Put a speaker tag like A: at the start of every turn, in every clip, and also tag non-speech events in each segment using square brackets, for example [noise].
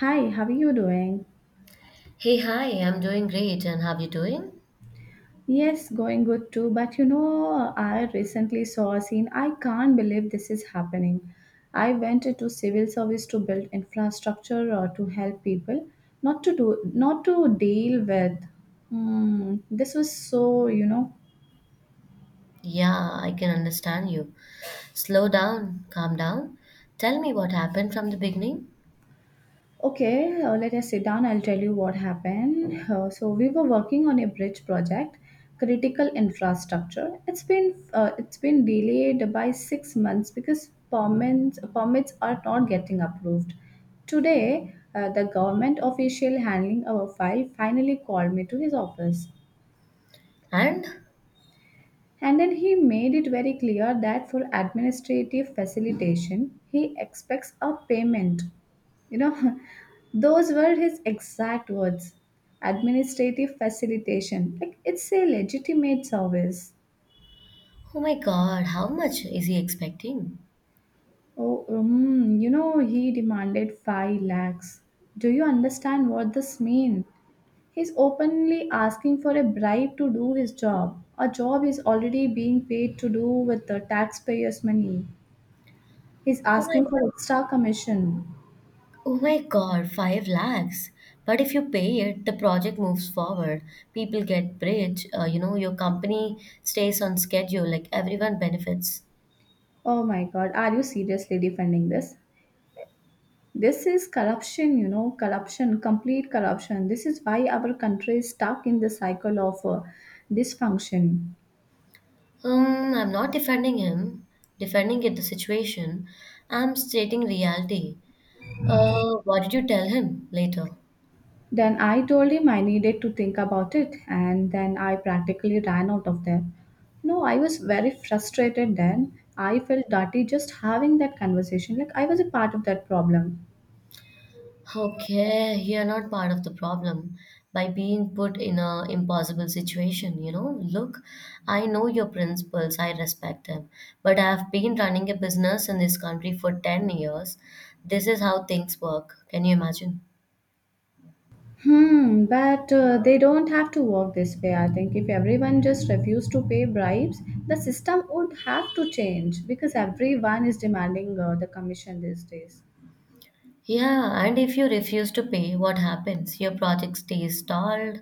A: Hi, how are you doing?
B: Hey, hi, I'm doing great. And how you doing?
A: Yes, going good too. But you know, I recently saw a scene. I can't believe this is happening. I went into civil service to build infrastructure or to help people, not to do, not to deal with. Hmm, this was so, you know.
B: Yeah, I can understand you. Slow down, calm down. Tell me what happened from the beginning.
A: Okay, let us sit down. I'll tell you what happened. So we were working on a bridge project, critical infrastructure. It's been delayed by 6 months because permits are not getting approved. Today, the government official handling our file finally called me to his office.
B: And
A: And then he made it very clear that for administrative facilitation, he expects a payment. You know, [laughs] those were his exact words. Administrative facilitation. Like, it's a legitimate service.
B: oh my god, how much is he expecting?
A: Oh, he demanded 5 lakhs. Do you understand what this means? He's openly asking for a bribe to do his job. A job is already being paid to do with the taxpayers' money. He's
B: Oh my,
A: asking for extra commission.
B: oh my god, 5 lakhs. But if you pay it, the project moves forward. People get bridge, your company stays on schedule, like everyone benefits.
A: Oh my God, are you seriously defending this? This is corruption, you know, corruption, complete corruption. This is why our country is stuck in the cycle of dysfunction.
B: I'm not defending him, defending it the situation. I'm stating reality. What did you tell him later?
A: Then I told him I needed to think about it, and then I practically ran out of there. No, I was very frustrated then. I felt dirty just having that conversation. Like I was a part of that problem.
B: Okay, you're not part of the problem by being put in a impossible situation, you know. Look, I know your principles, I respect them, but I've been running a business in this country for 10 years. This is how things work. Can you imagine?
A: Hmm, but they don't have to work this way. I think if everyone just refused to pay bribes, the system would have to change because everyone is demanding the commission these days.
B: Yeah, and if you refuse to pay, what happens? Your project stays stalled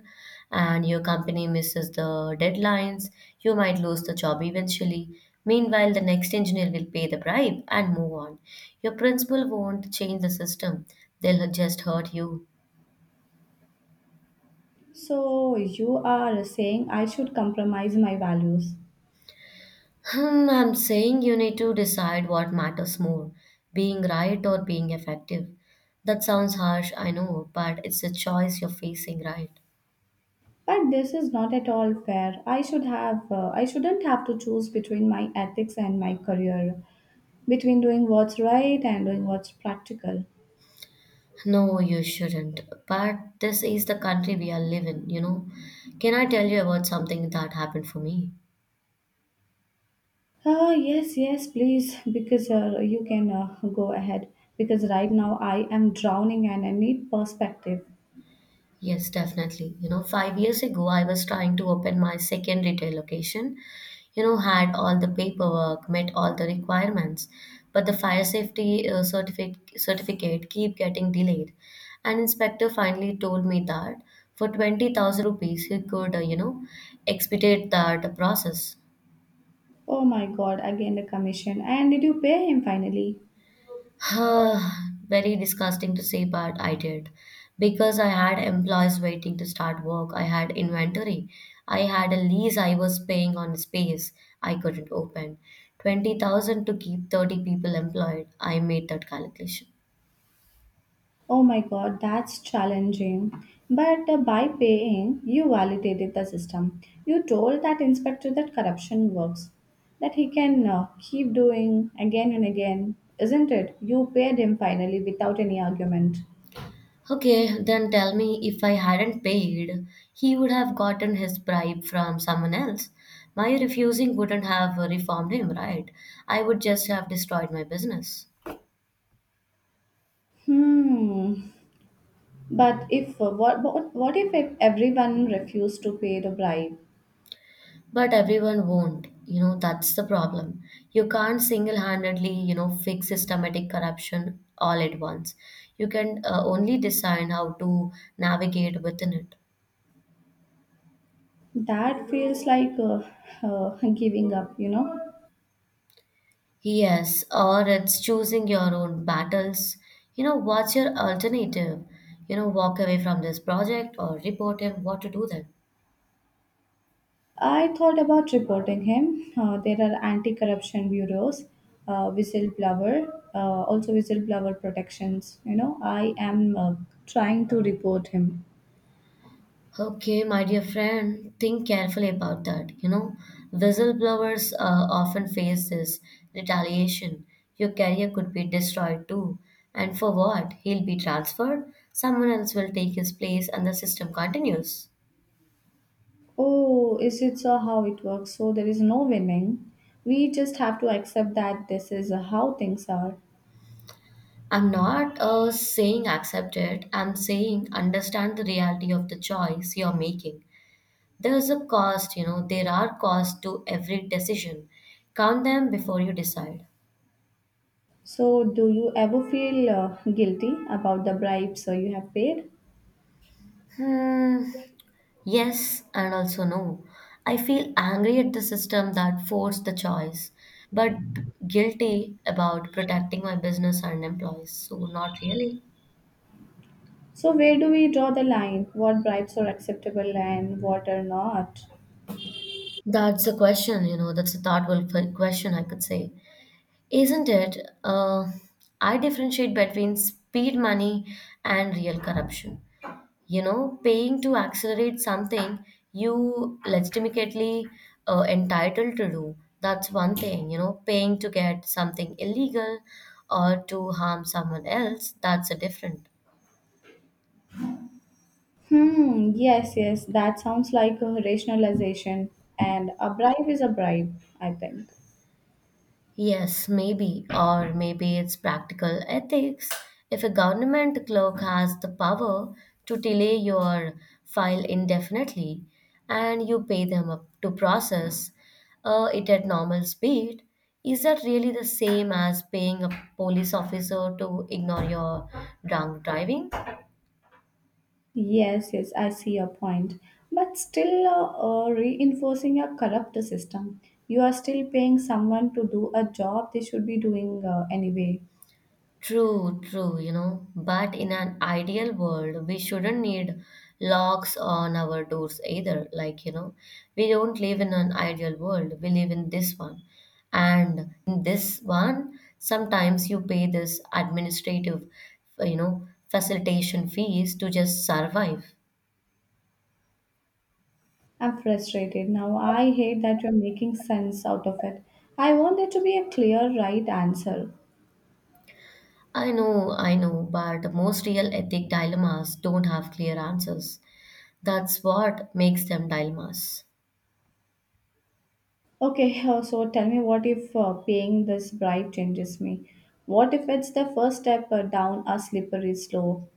B: and your company misses the deadlines. You might lose the job eventually. Meanwhile, the next engineer will pay the bribe and move on. Your principal won't change the system, they'll just hurt you.
A: So you are saying I should compromise my values.
B: Hmm, I'm saying you need to decide what matters more, being right or being effective. That sounds harsh, I know, but it's a choice you're facing, right?
A: But this is not at all fair. I shouldn't have to choose between my ethics and my career, between doing what's right and doing what's practical.
B: No, you shouldn't. But this is the country we are living, you know. Can I tell you about something that happened for me?
A: Yes, yes, please, because you can go ahead. Because right now I am drowning and I need perspective.
B: Yes, definitely. You know, 5 years ago, I was trying to open my second retail location. You know, had all the paperwork, met all the requirements, but the fire safety certificate keep getting delayed. An inspector finally told me that for 20,000 rupees, he could, you know, expedite that process.
A: Oh my god, again the commission. And did you pay him finally?
B: [sighs] Very disgusting to say, but I did. Because I had employees waiting to start work, I had inventory, I had a lease I was paying on space I couldn't open. 20,000 to keep 30 people employed. I made that calculation.
A: Oh my god, that's challenging. But by paying, you validated the system. You told that inspector that corruption works, that he can keep doing again and again, isn't it? You paid him finally without any argument.
B: Okay, then tell me if I hadn't paid, he would have gotten his bribe from someone else. My refusing wouldn't have reformed him, right? I would just have destroyed my business.
A: Hmm. But if what what if everyone refused to pay the bribe?
B: But everyone won't. You know, that's the problem. You can't single-handedly, you know, fix systematic corruption all at once. You can only decide how to navigate within it.
A: That feels like giving up, you know.
B: Yes, or it's choosing your own battles. You know, what's your alternative? You know, walk away from this project or report him what to do then.
A: I thought about reporting him. There are anti-corruption bureaus, also whistleblower protections. You know, I am trying to report him.
B: Okay, my dear friend, think carefully about that. You know, whistleblowers often face this retaliation. Your career could be destroyed too. And for what? He'll be transferred, someone else will take his place, and the system continues.
A: Oh, is it so how it works? So there is no winning. We just have to accept that this is how things are.
B: I'm not saying accept it, I'm saying understand the reality of the choice you're making. There's a cost, you know, there are costs to every decision. Count them before you decide.
A: So, do you ever feel guilty about the bribes you have paid?
B: Hmm. Yes, and also no. I feel angry at the system that forced the choice, but guilty about protecting my business and employees. So, not really.
A: So, where do we draw the line? What bribes are acceptable and what are not?
B: That's a question, you know, that's a thoughtful question, I could say. Isn't it? Uh, I differentiate between speed money and real corruption. You know, paying to accelerate something you legitimately entitled to do, that's one thing. You know, paying to get something illegal or to harm someone else, that's a different.
A: Hmm, yes, yes, that sounds like a rationalization. And a bribe is a bribe, I think.
B: Yes, maybe, or maybe it's practical ethics. If a government clerk has the power to delay your file indefinitely and you pay them up to process it at normal speed, is that really the same as paying a police officer to ignore your drunk driving?
A: Yes, yes, I see your point. But still reinforcing a corrupt system. You are still paying someone to do a job they should be doing anyway.
B: True, true, you know, but in an ideal world, we shouldn't need locks on our doors either. Like, you know, we don't live in an ideal world, we live in this one. And in this one, sometimes you pay this administrative, you know, facilitation fees to just survive.
A: I'm frustrated now. I hate that you're making sense out of it. I want there to be a clear right answer.
B: I know, but most real ethic dilemmas don't have clear answers. That's what makes them dilemmas.
A: Okay, [laughs] so tell me what if paying this bribe changes me? What if it's the first step down a slippery slope?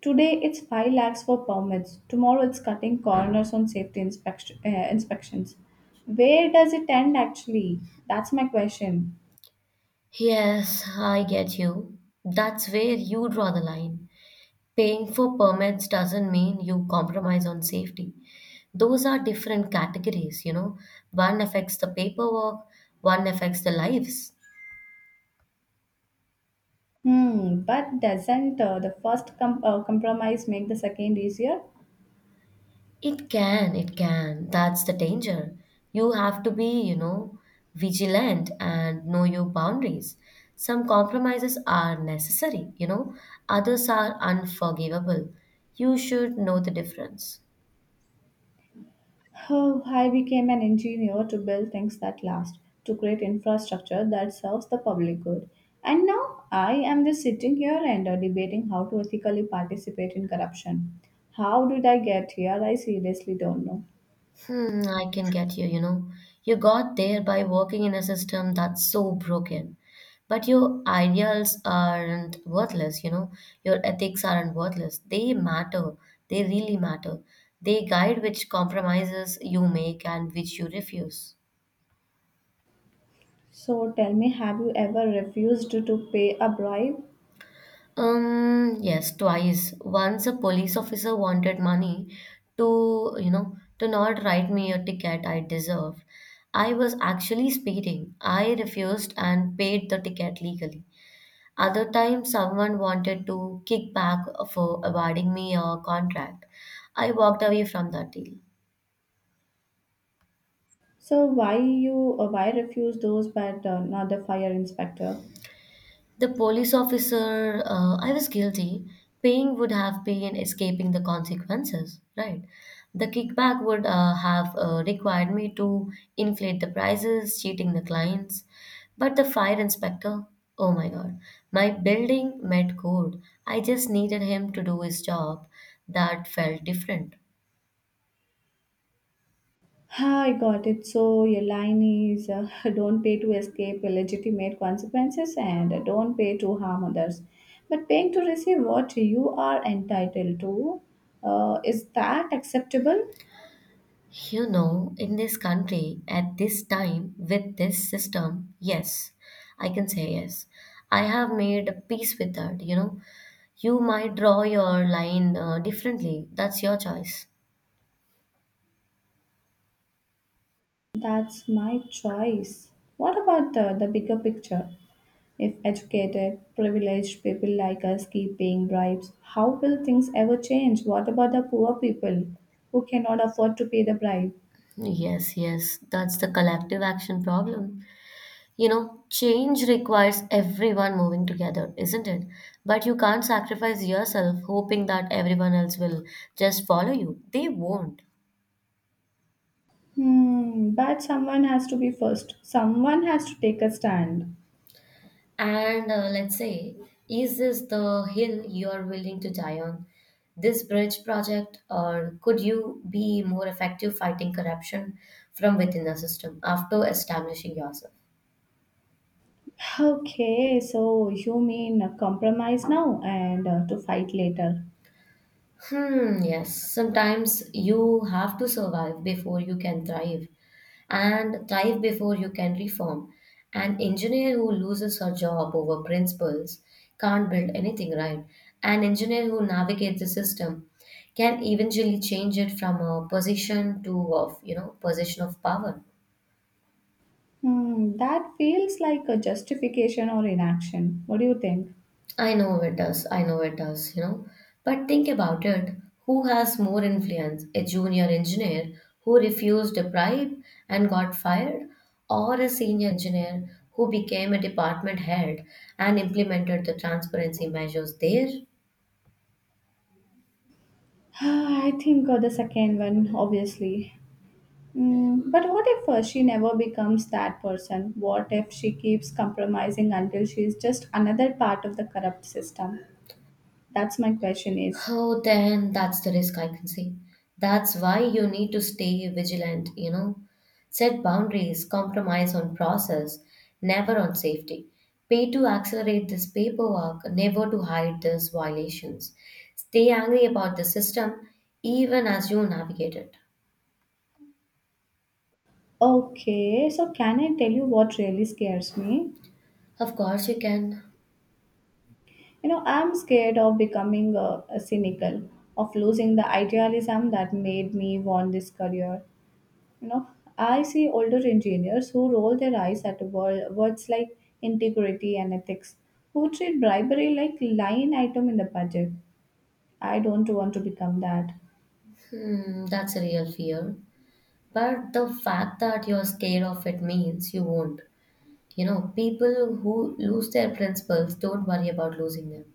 A: Today it's 5 lakhs for permits. Tomorrow it's cutting corners on safety inspections. Where does it end actually? That's my question.
B: Yes, I get you. That's where you draw the line. Paying for permits doesn't mean you compromise on safety. Those are different categories, you know. One affects the paperwork, one affects the lives.
A: Hmm, but doesn't the first compromise make the second easier?
B: It can, it can. That's the danger. You have to be, you know, vigilant and know your boundaries. Some compromises are necessary, you know, others are unforgivable. You should know the difference.
A: Oh, I became an engineer to build things that last, to create infrastructure that serves the public good. And now I am just sitting here and debating how to ethically participate in corruption. How did I get here? I seriously don't know.
B: Hmm, I can get you, you know. You got there by working in a system that's so broken. But your ideals aren't worthless, you know. Your ethics aren't worthless. They matter. They really matter. They guide which compromises you make and which you refuse.
A: So tell me, have you ever refused to pay a bribe?
B: Yes, twice. Once a police officer wanted money to, you know, to not write me a ticket I deserved. I was actually speeding. I refused and paid the ticket legally. Other time, someone wanted to kick back for awarding me a contract. I walked away from that deal.
A: So why you why refuse those but not the fire inspector?
B: The police officer, I was guilty. Paying would have been escaping the consequences, right? The kickback would have required me to inflate the prices, cheating the clients. But the fire inspector, oh my god, my building met code. I just needed him to do his job. That felt different.
A: I got it. So your line is [laughs] don't pay to escape illegitimate consequences and don't pay to harm others. But paying to receive what you are entitled to, is that acceptable?
B: You know, in this country, at this time, with this system, yes, I can say yes. I have made a peace with that, you know. You might draw your line differently. That's your choice.
A: That's my choice. What about the bigger picture? If educated, privileged people like us keep paying bribes, how will things ever change? What about the poor people who cannot afford to pay the bribe?
B: Yes, yes, that's the collective action problem. You know, change requires everyone moving together, isn't it? But you can't sacrifice yourself hoping that everyone else will just follow you. They won't.
A: Hmm, but someone has to be first. Someone has to take a stand.
B: And let's say, is this the hill you are willing to die on? This bridge project, or could you be more effective fighting corruption from within the system after establishing yourself?
A: Okay, so you mean a compromise now and to fight later.
B: Hmm, yes. Sometimes you have to survive before you can thrive, and thrive before you can reform. An engineer who loses her job over principles can't build anything right. An engineer who navigates the system can eventually change it from a position to of you know position of power.
A: Hmm, that feels like a justification or inaction. What do you think?
B: I know it does. I know it does, you know. But think about it. Who has more influence? A junior engineer who refused a bribe and got fired, or a senior engineer who became a department head and implemented the transparency measures there?
A: [sighs] I think the second one, obviously. Hmm, but what if she never becomes that person? What if she keeps compromising until she is just another part of the corrupt system? That's my question is.
B: Oh, then that's the risk I can see. That's why you need to stay vigilant, you know. Set boundaries, compromise on process, never on safety. Pay to accelerate this paperwork, never to hide these violations. Stay angry about the system even as you navigate it.
A: Okay, so can I tell you what really scares me?
B: Of course, you can.
A: You know, I'm scared of becoming a cynical, of losing the idealism that made me want this career. You know, I see older engineers who roll their eyes at words like integrity and ethics, who treat bribery like line item in the budget. I don't want to become that.
B: Hmm, that's a real fear. But the fact that you're scared of it means you won't. You know, people who lose their principles don't worry about losing them.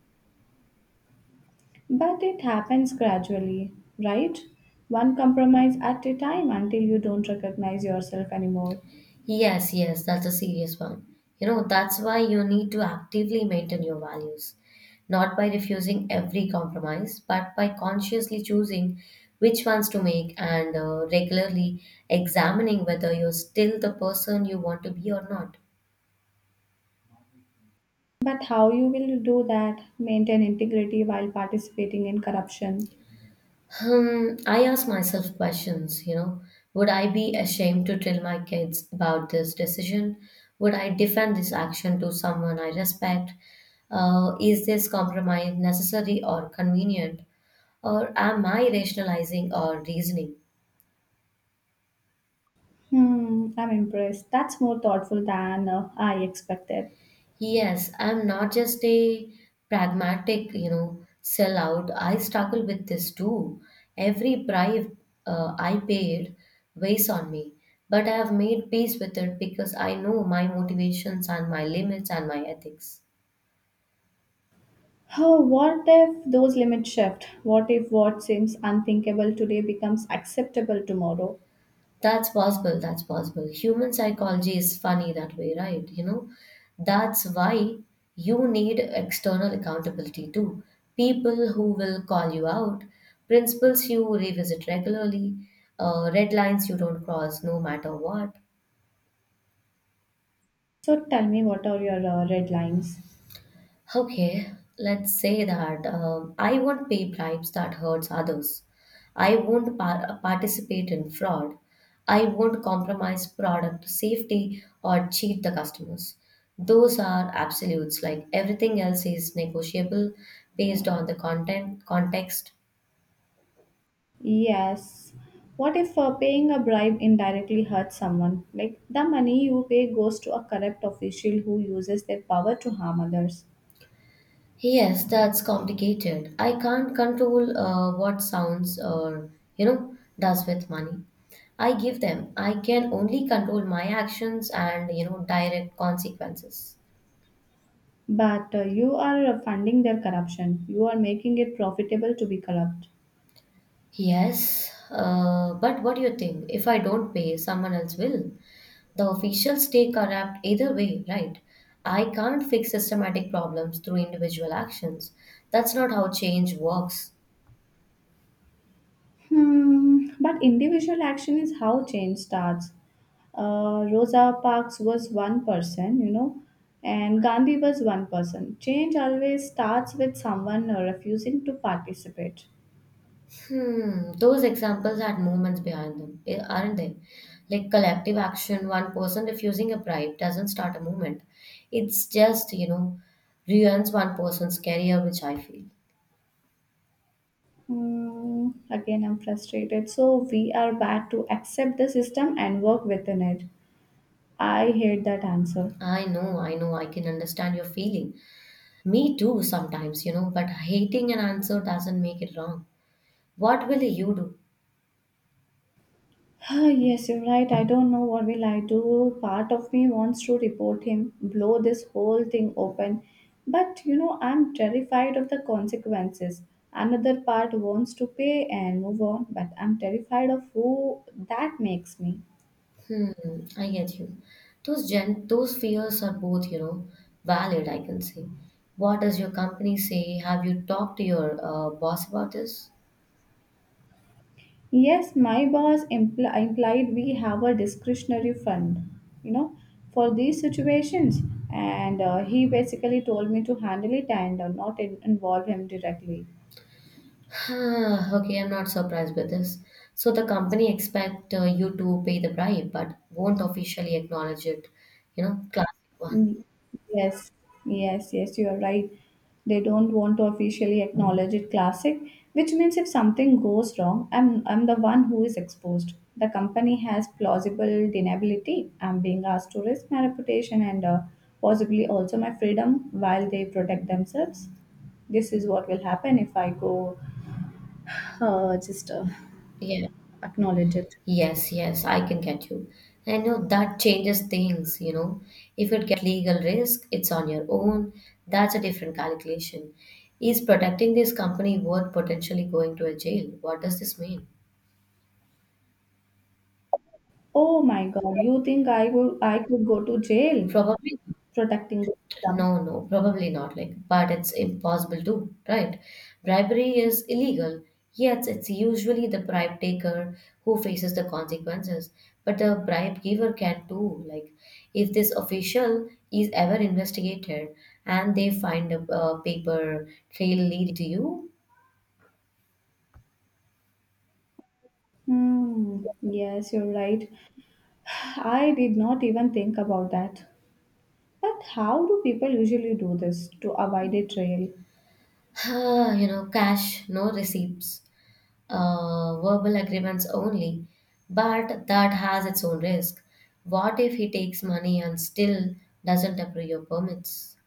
A: But it happens gradually, right? One compromise at a time until you don't recognize yourself anymore.
B: Yes, yes, that's a serious one. You know, that's why you need to actively maintain your values, not by refusing every compromise, but by consciously choosing which ones to make and regularly examining whether you're still the person you want to be or not.
A: But how you will do that? Maintain integrity while participating in corruption?
B: Hmm, I ask myself questions, you know. Would I be ashamed to tell my kids about this decision? Would I defend this action to someone I respect? Is this compromise necessary or convenient? Or am I rationalizing or reasoning?
A: Hmm, I'm impressed. That's more thoughtful than I expected.
B: Yes, I'm not just a pragmatic, you know, sellout. I struggle with this too. Every bribe I paid weighs on me, but I have made peace with it because I know my motivations and my limits and my ethics.
A: Oh, what if those limits shift? What if what seems unthinkable today becomes acceptable tomorrow?
B: That's possible. That's possible. Human psychology is funny that way, right? You know, that's why you need external accountability too. People who will call you out, principles you revisit regularly, red lines you don't cross no matter what.
A: So tell me, what are your red lines?
B: Okay, let's say that I won't pay bribes that hurts others. I won't participate in fraud. I won't compromise product safety or cheat the customers. Those are absolutes. Like everything else is negotiable based on the content context.
A: Yes. What if paying a bribe indirectly hurts someone? Like the money you pay goes to a corrupt official who uses their power to harm others.
B: Yes, that's complicated. I can't control what sounds or you know does with money. I give them. I can only control my actions and you know direct consequences.
A: But you are funding their corruption. You are making it profitable to be corrupt.
B: Yes, but what do you think? If I don't pay, someone else will. The officials stay corrupt either way, right? I can't fix systematic problems through individual actions. That's not how change works.
A: Hmm. But individual action is how change starts. Rosa Parks was one person, you know, and Gandhi was one person. Change always starts with someone refusing to participate.
B: Hmm, those examples had movements behind them, eh, aren't they? Like collective action, one person refusing a bribe doesn't start a movement. It's just, you know, ruins one person's career, which I feel.
A: Hmm. Again, I'm frustrated. So we are back to accept the system and work within it. I hate that answer.
B: I know, I know, I can understand your feeling. Me too, sometimes, you know, but hating an answer doesn't make it wrong. What will you do?
A: Ah, yes, you're right. I don't know what will I do. Part of me wants to report him, blow this whole thing open. But you know, I'm terrified of the consequences. Another part wants to pay and move on, but I'm terrified of who that makes me.
B: Hmm, I get you. Those fears are both, you know, valid, I can say. What does your company say? Have you talked to your boss about this?
A: Yes, my boss implied we have a discretionary fund, you know, for these situations. And he basically told me to handle it and not in- involve him directly.
B: [sighs] Huh, okay, I'm not surprised by this. So the company expect you to pay the bribe, but won't officially acknowledge it. You know, classic one.
A: Mm, yes, yes, yes, you are right. They don't want to officially acknowledge it classic, which means if something goes wrong, I'm the one who is exposed. The company has plausible deniability. I'm being asked to risk my reputation and possibly also my freedom while they protect themselves. This is what will happen if I go just
B: Yeah.
A: acknowledge it.
B: Yes, yes, I can get you. And you know, that changes things, you know. If it get legal risk, it's on your own. That's a different calculation. Is protecting this company worth potentially going to a jail? What does this mean?
A: Oh my God, you think I would I could go to jail
B: Probably.
A: protecting the system?
B: No, no, probably not. Like, but it's impossible to, right? Bribery is illegal, yet it's usually the bribe taker who faces the consequences. But the bribe giver can too. Like, if this official is ever investigated and they find a paper trail leading to you.
A: Hmm. Yes, you're right. I did not even think about that. But how do people usually do this to avoid a trail?
B: [sighs] You know, cash, no receipts. Verbal agreements only, but that has its own risk. What if he takes money and still doesn't approve your permits?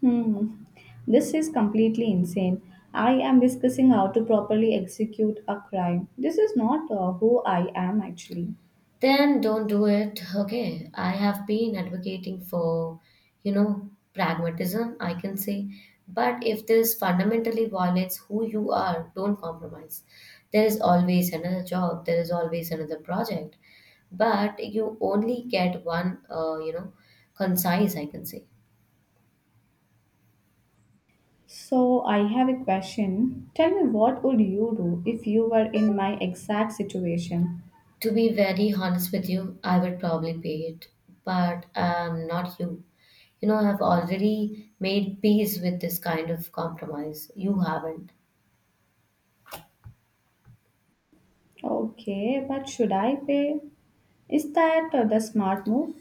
A: Hmm. This is completely insane. I am discussing how to properly execute a crime. This is not who I am actually.
B: Then don't do it. Okay, I have been advocating for, you know, pragmatism, I can say. But if this fundamentally violates who you are, don't compromise. There is always another job, there is always another project, but you only get one, you know, concise, I can say.
A: So, I have a question. Tell me what would you do if you were in my exact situation?
B: To be very honest with you, I would probably pay it, but I'm not you. You know, I've already made peace with this kind of compromise. You haven't.
A: Okay, but should I pay? Is that the smart move?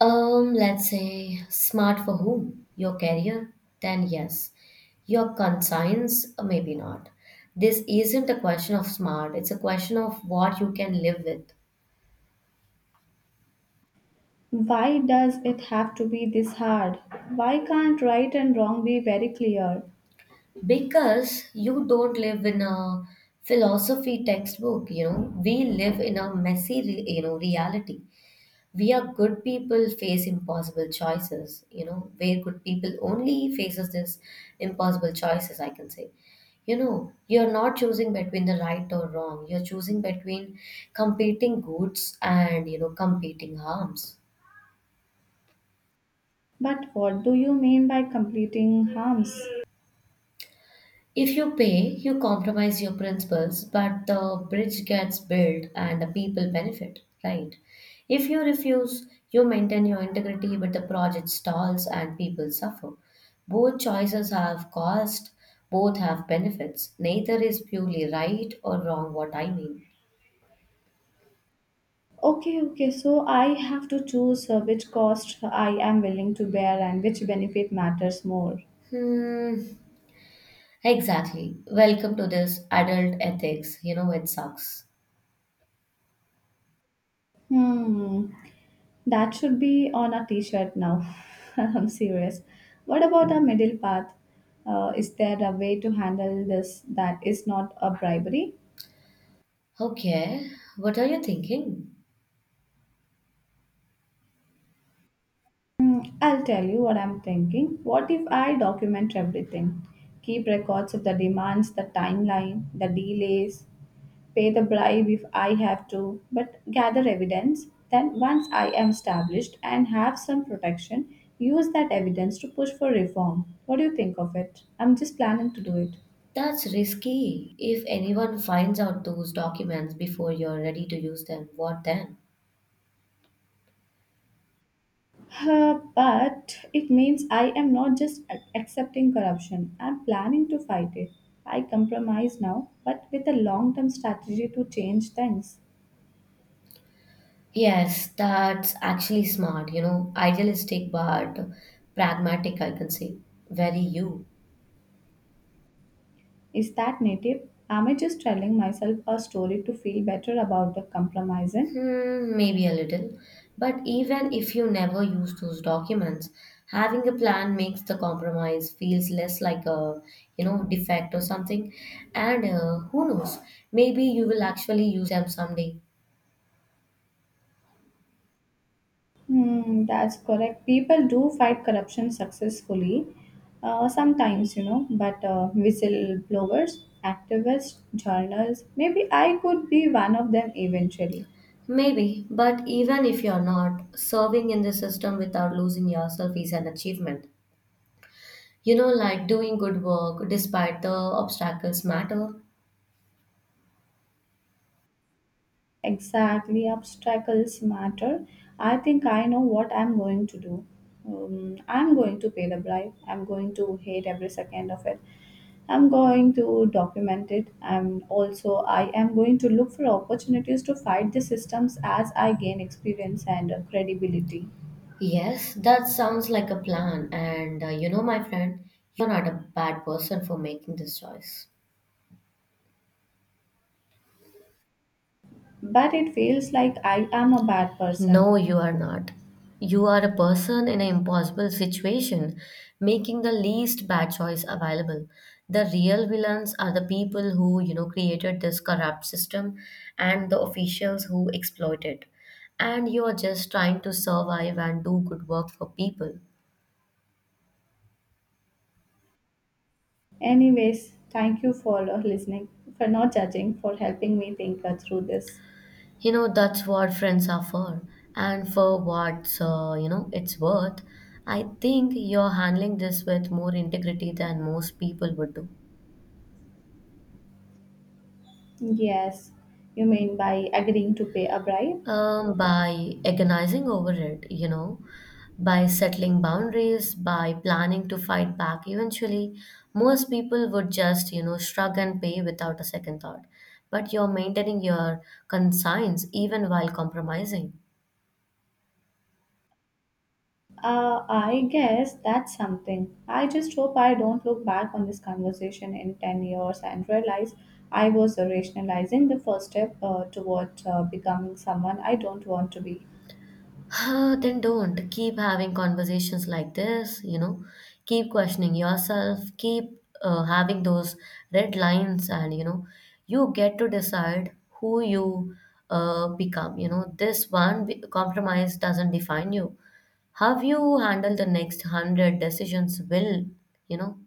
B: Let's say smart for whom? Your career? Then yes. Your conscience? Maybe not. This isn't a question of smart, it's a question of what you can live with.
A: Why does it have to be this hard? Why can't right and wrong be very clear?
B: Because you don't live in a philosophy textbook, you know, we live in a messy, you know, reality. We are good people face impossible choices, you know, where good people only faces this impossible choices, I can say. You know, you're not choosing between the right or wrong, you're choosing between competing goods and you know competing harms.
A: But what do you mean by completing harms?
B: If you pay, you compromise your principles, but the bridge gets built and the people benefit, right? If you refuse, you maintain your integrity, but the project stalls and people suffer. Both choices have cost, both have benefits. Neither is purely right or wrong, what I mean.
A: Okay, okay, so I have to choose which cost I am willing to bear and which benefit matters more.
B: Hmm, exactly. Welcome to this adult ethics. You know, it sucks.
A: Hmm, that should be on a t shirt now. [laughs] I'm serious. What about a middle path? Is there a way to handle this that is not a bribery?
B: Okay, what are you thinking?
A: Mm, I'll tell you what I'm thinking. What if I document everything? Keep records of the demands, the timeline, the delays, pay the bribe if I have to, but gather evidence. Then, once I am established and have some protection, use that evidence to push for reform. What do you think of it? I'm just planning to do it.
B: That's risky. If anyone finds out those documents before you're ready to use them, what then?
A: But it means I am not just accepting corruption, I'm planning to fight it. I compromise now, but with a long term strategy to change things.
B: Yes, that's actually smart, you know, idealistic but pragmatic, I can say. Very you.
A: Is that native? Am I just telling myself a story to feel better about the compromising?
B: Hmm, maybe a little. But even if you never use those documents, having a plan makes the compromise feels less like a, you know, defect or something. And who knows, maybe you will actually use them someday.
A: Hmm, that's correct. People do fight corruption successfully, sometimes, you know, but whistleblowers, activists, journalists, maybe I could be one of them eventually.
B: Maybe, but even if you're not, serving in the system without losing yourself is an achievement. You know, like doing good work despite the obstacles matter.
A: Exactly, obstacles matter. I think I know what I'm going to do. I'm going to pay the bribe. I'm going to hate every second of it. I'm going to document it. I am going to look for opportunities to fight the systems as I gain experience and credibility.
B: Yes, that sounds like a plan. And you know, my friend, you're not a bad person for making this choice.
A: But it feels like I am a bad person.
B: No, you are not. You are a person in an impossible situation, making the least bad choice available. The real villains are the people who, you know, created this corrupt system and the officials who exploit it. And you are just trying to survive and do good work for people.
A: Anyways, thank you for listening, for not judging, for helping me think through this.
B: You know, that's what friends are for. And for what, you know, it's worth, I think you're handling this with more integrity than most people would do.
A: Yes, you mean by agreeing to pay a bribe?
B: By agonizing over it, you know, by settling boundaries, by planning to fight back, eventually, most people would just, you know, shrug and pay without a second thought. But you're maintaining your conscience even while compromising.
A: I guess that's something. I just hope I don't look back on this conversation in 10 years and realize I was rationalizing the first step toward becoming someone I don't want to be.
B: Ah, then don't keep having conversations like this, you know, keep questioning yourself, keep having those red lines, and you know, you get to decide who you become. You know, this compromise doesn't define you. How you handle the next 100 decisions will, you know.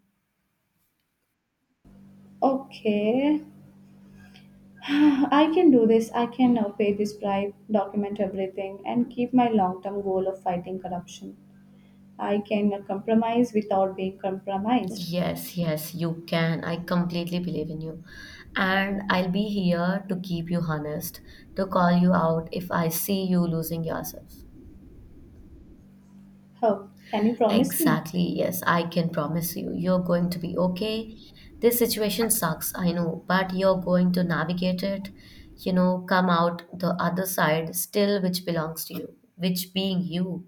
A: Okay, [sighs] I can do this. I can pay this bribe, document everything, and keep my long term goal of fighting corruption. I can compromise without being compromised.
B: Yes, yes, you can. I completely believe in you. And I'll be here to keep you honest, to call you out if I see you losing yourself.
A: Oh, can you promise me?
B: Exactly, yes, I can promise you, you're going to be okay. This situation sucks, I know, but you're going to navigate it, you know, come out the other side still, which belongs to you, which being you.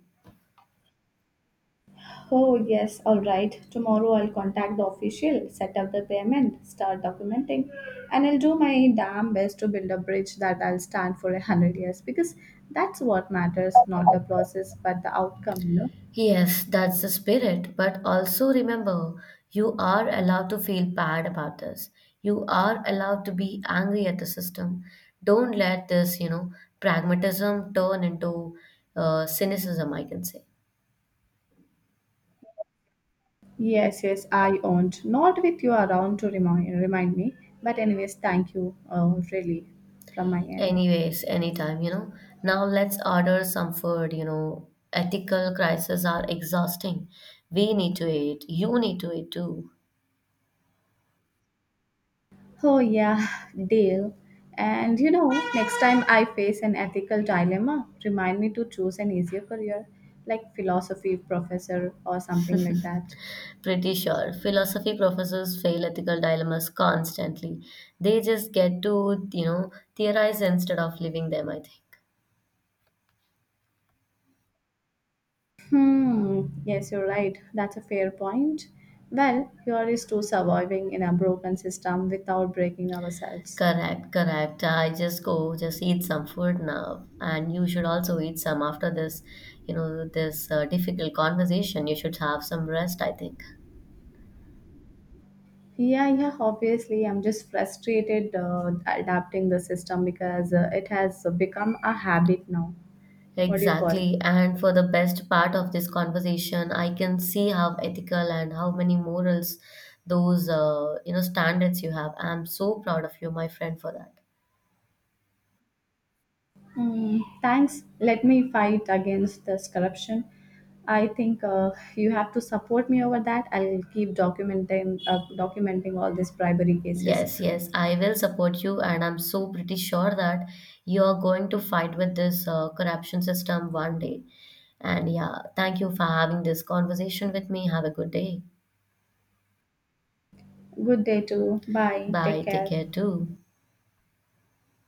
A: Oh, yes, all right. Tomorrow I'll contact the official, set up the payment, start documenting, and I'll do my damn best to build a bridge that I'll stand for 100 years because that's what matters, not the process, but the outcome, you know.
B: Yes, that's the spirit. But also remember, you are allowed to feel bad about this. You are allowed to be angry at the system. Don't let this, you know, pragmatism turn into cynicism, I can say.
A: Yes, yes, I owned. Not with you around to remind me, but anyways, thank you, really, from my end.
B: Anyways, anytime, you know. Now let's order some food, you know. Ethical crises are exhausting. We need to eat. You need to eat too.
A: Oh, yeah, deal. And you know, next time I face an ethical dilemma, remind me to choose an easier career, like philosophy professor or something like that.
B: Pretty sure. Philosophy professors fail ethical dilemmas constantly. They just get to, you know, theorize instead of living them, I think.
A: Hmm, yes, you're right. That's a fair point. Well, here is to surviving in a broken system without breaking ourselves.
B: Correct, correct. I just go, just eat some food now. And you should also eat some after this, you know, this difficult conversation. You should have some rest, I think.
A: Yeah, yeah, obviously. I'm just frustrated adapting the system because it has become a habit now. What do you call?
B: Exactly. And for the best part of this conversation, I can see how ethical and how many morals those, you know, standards you have. I'm so proud of you, my friend, for that.
A: Mm, thanks. Let me fight against this corruption. I think you have to support me over that. I'll keep documenting all these bribery cases.
B: Yes, yes, I will support you, and I'm so pretty sure that you're going to fight with this corruption system one day. And yeah, thank you for having this conversation with me. Have a good day.
A: Good day too. Bye. Take
B: Bye. Take
A: care.
B: care too.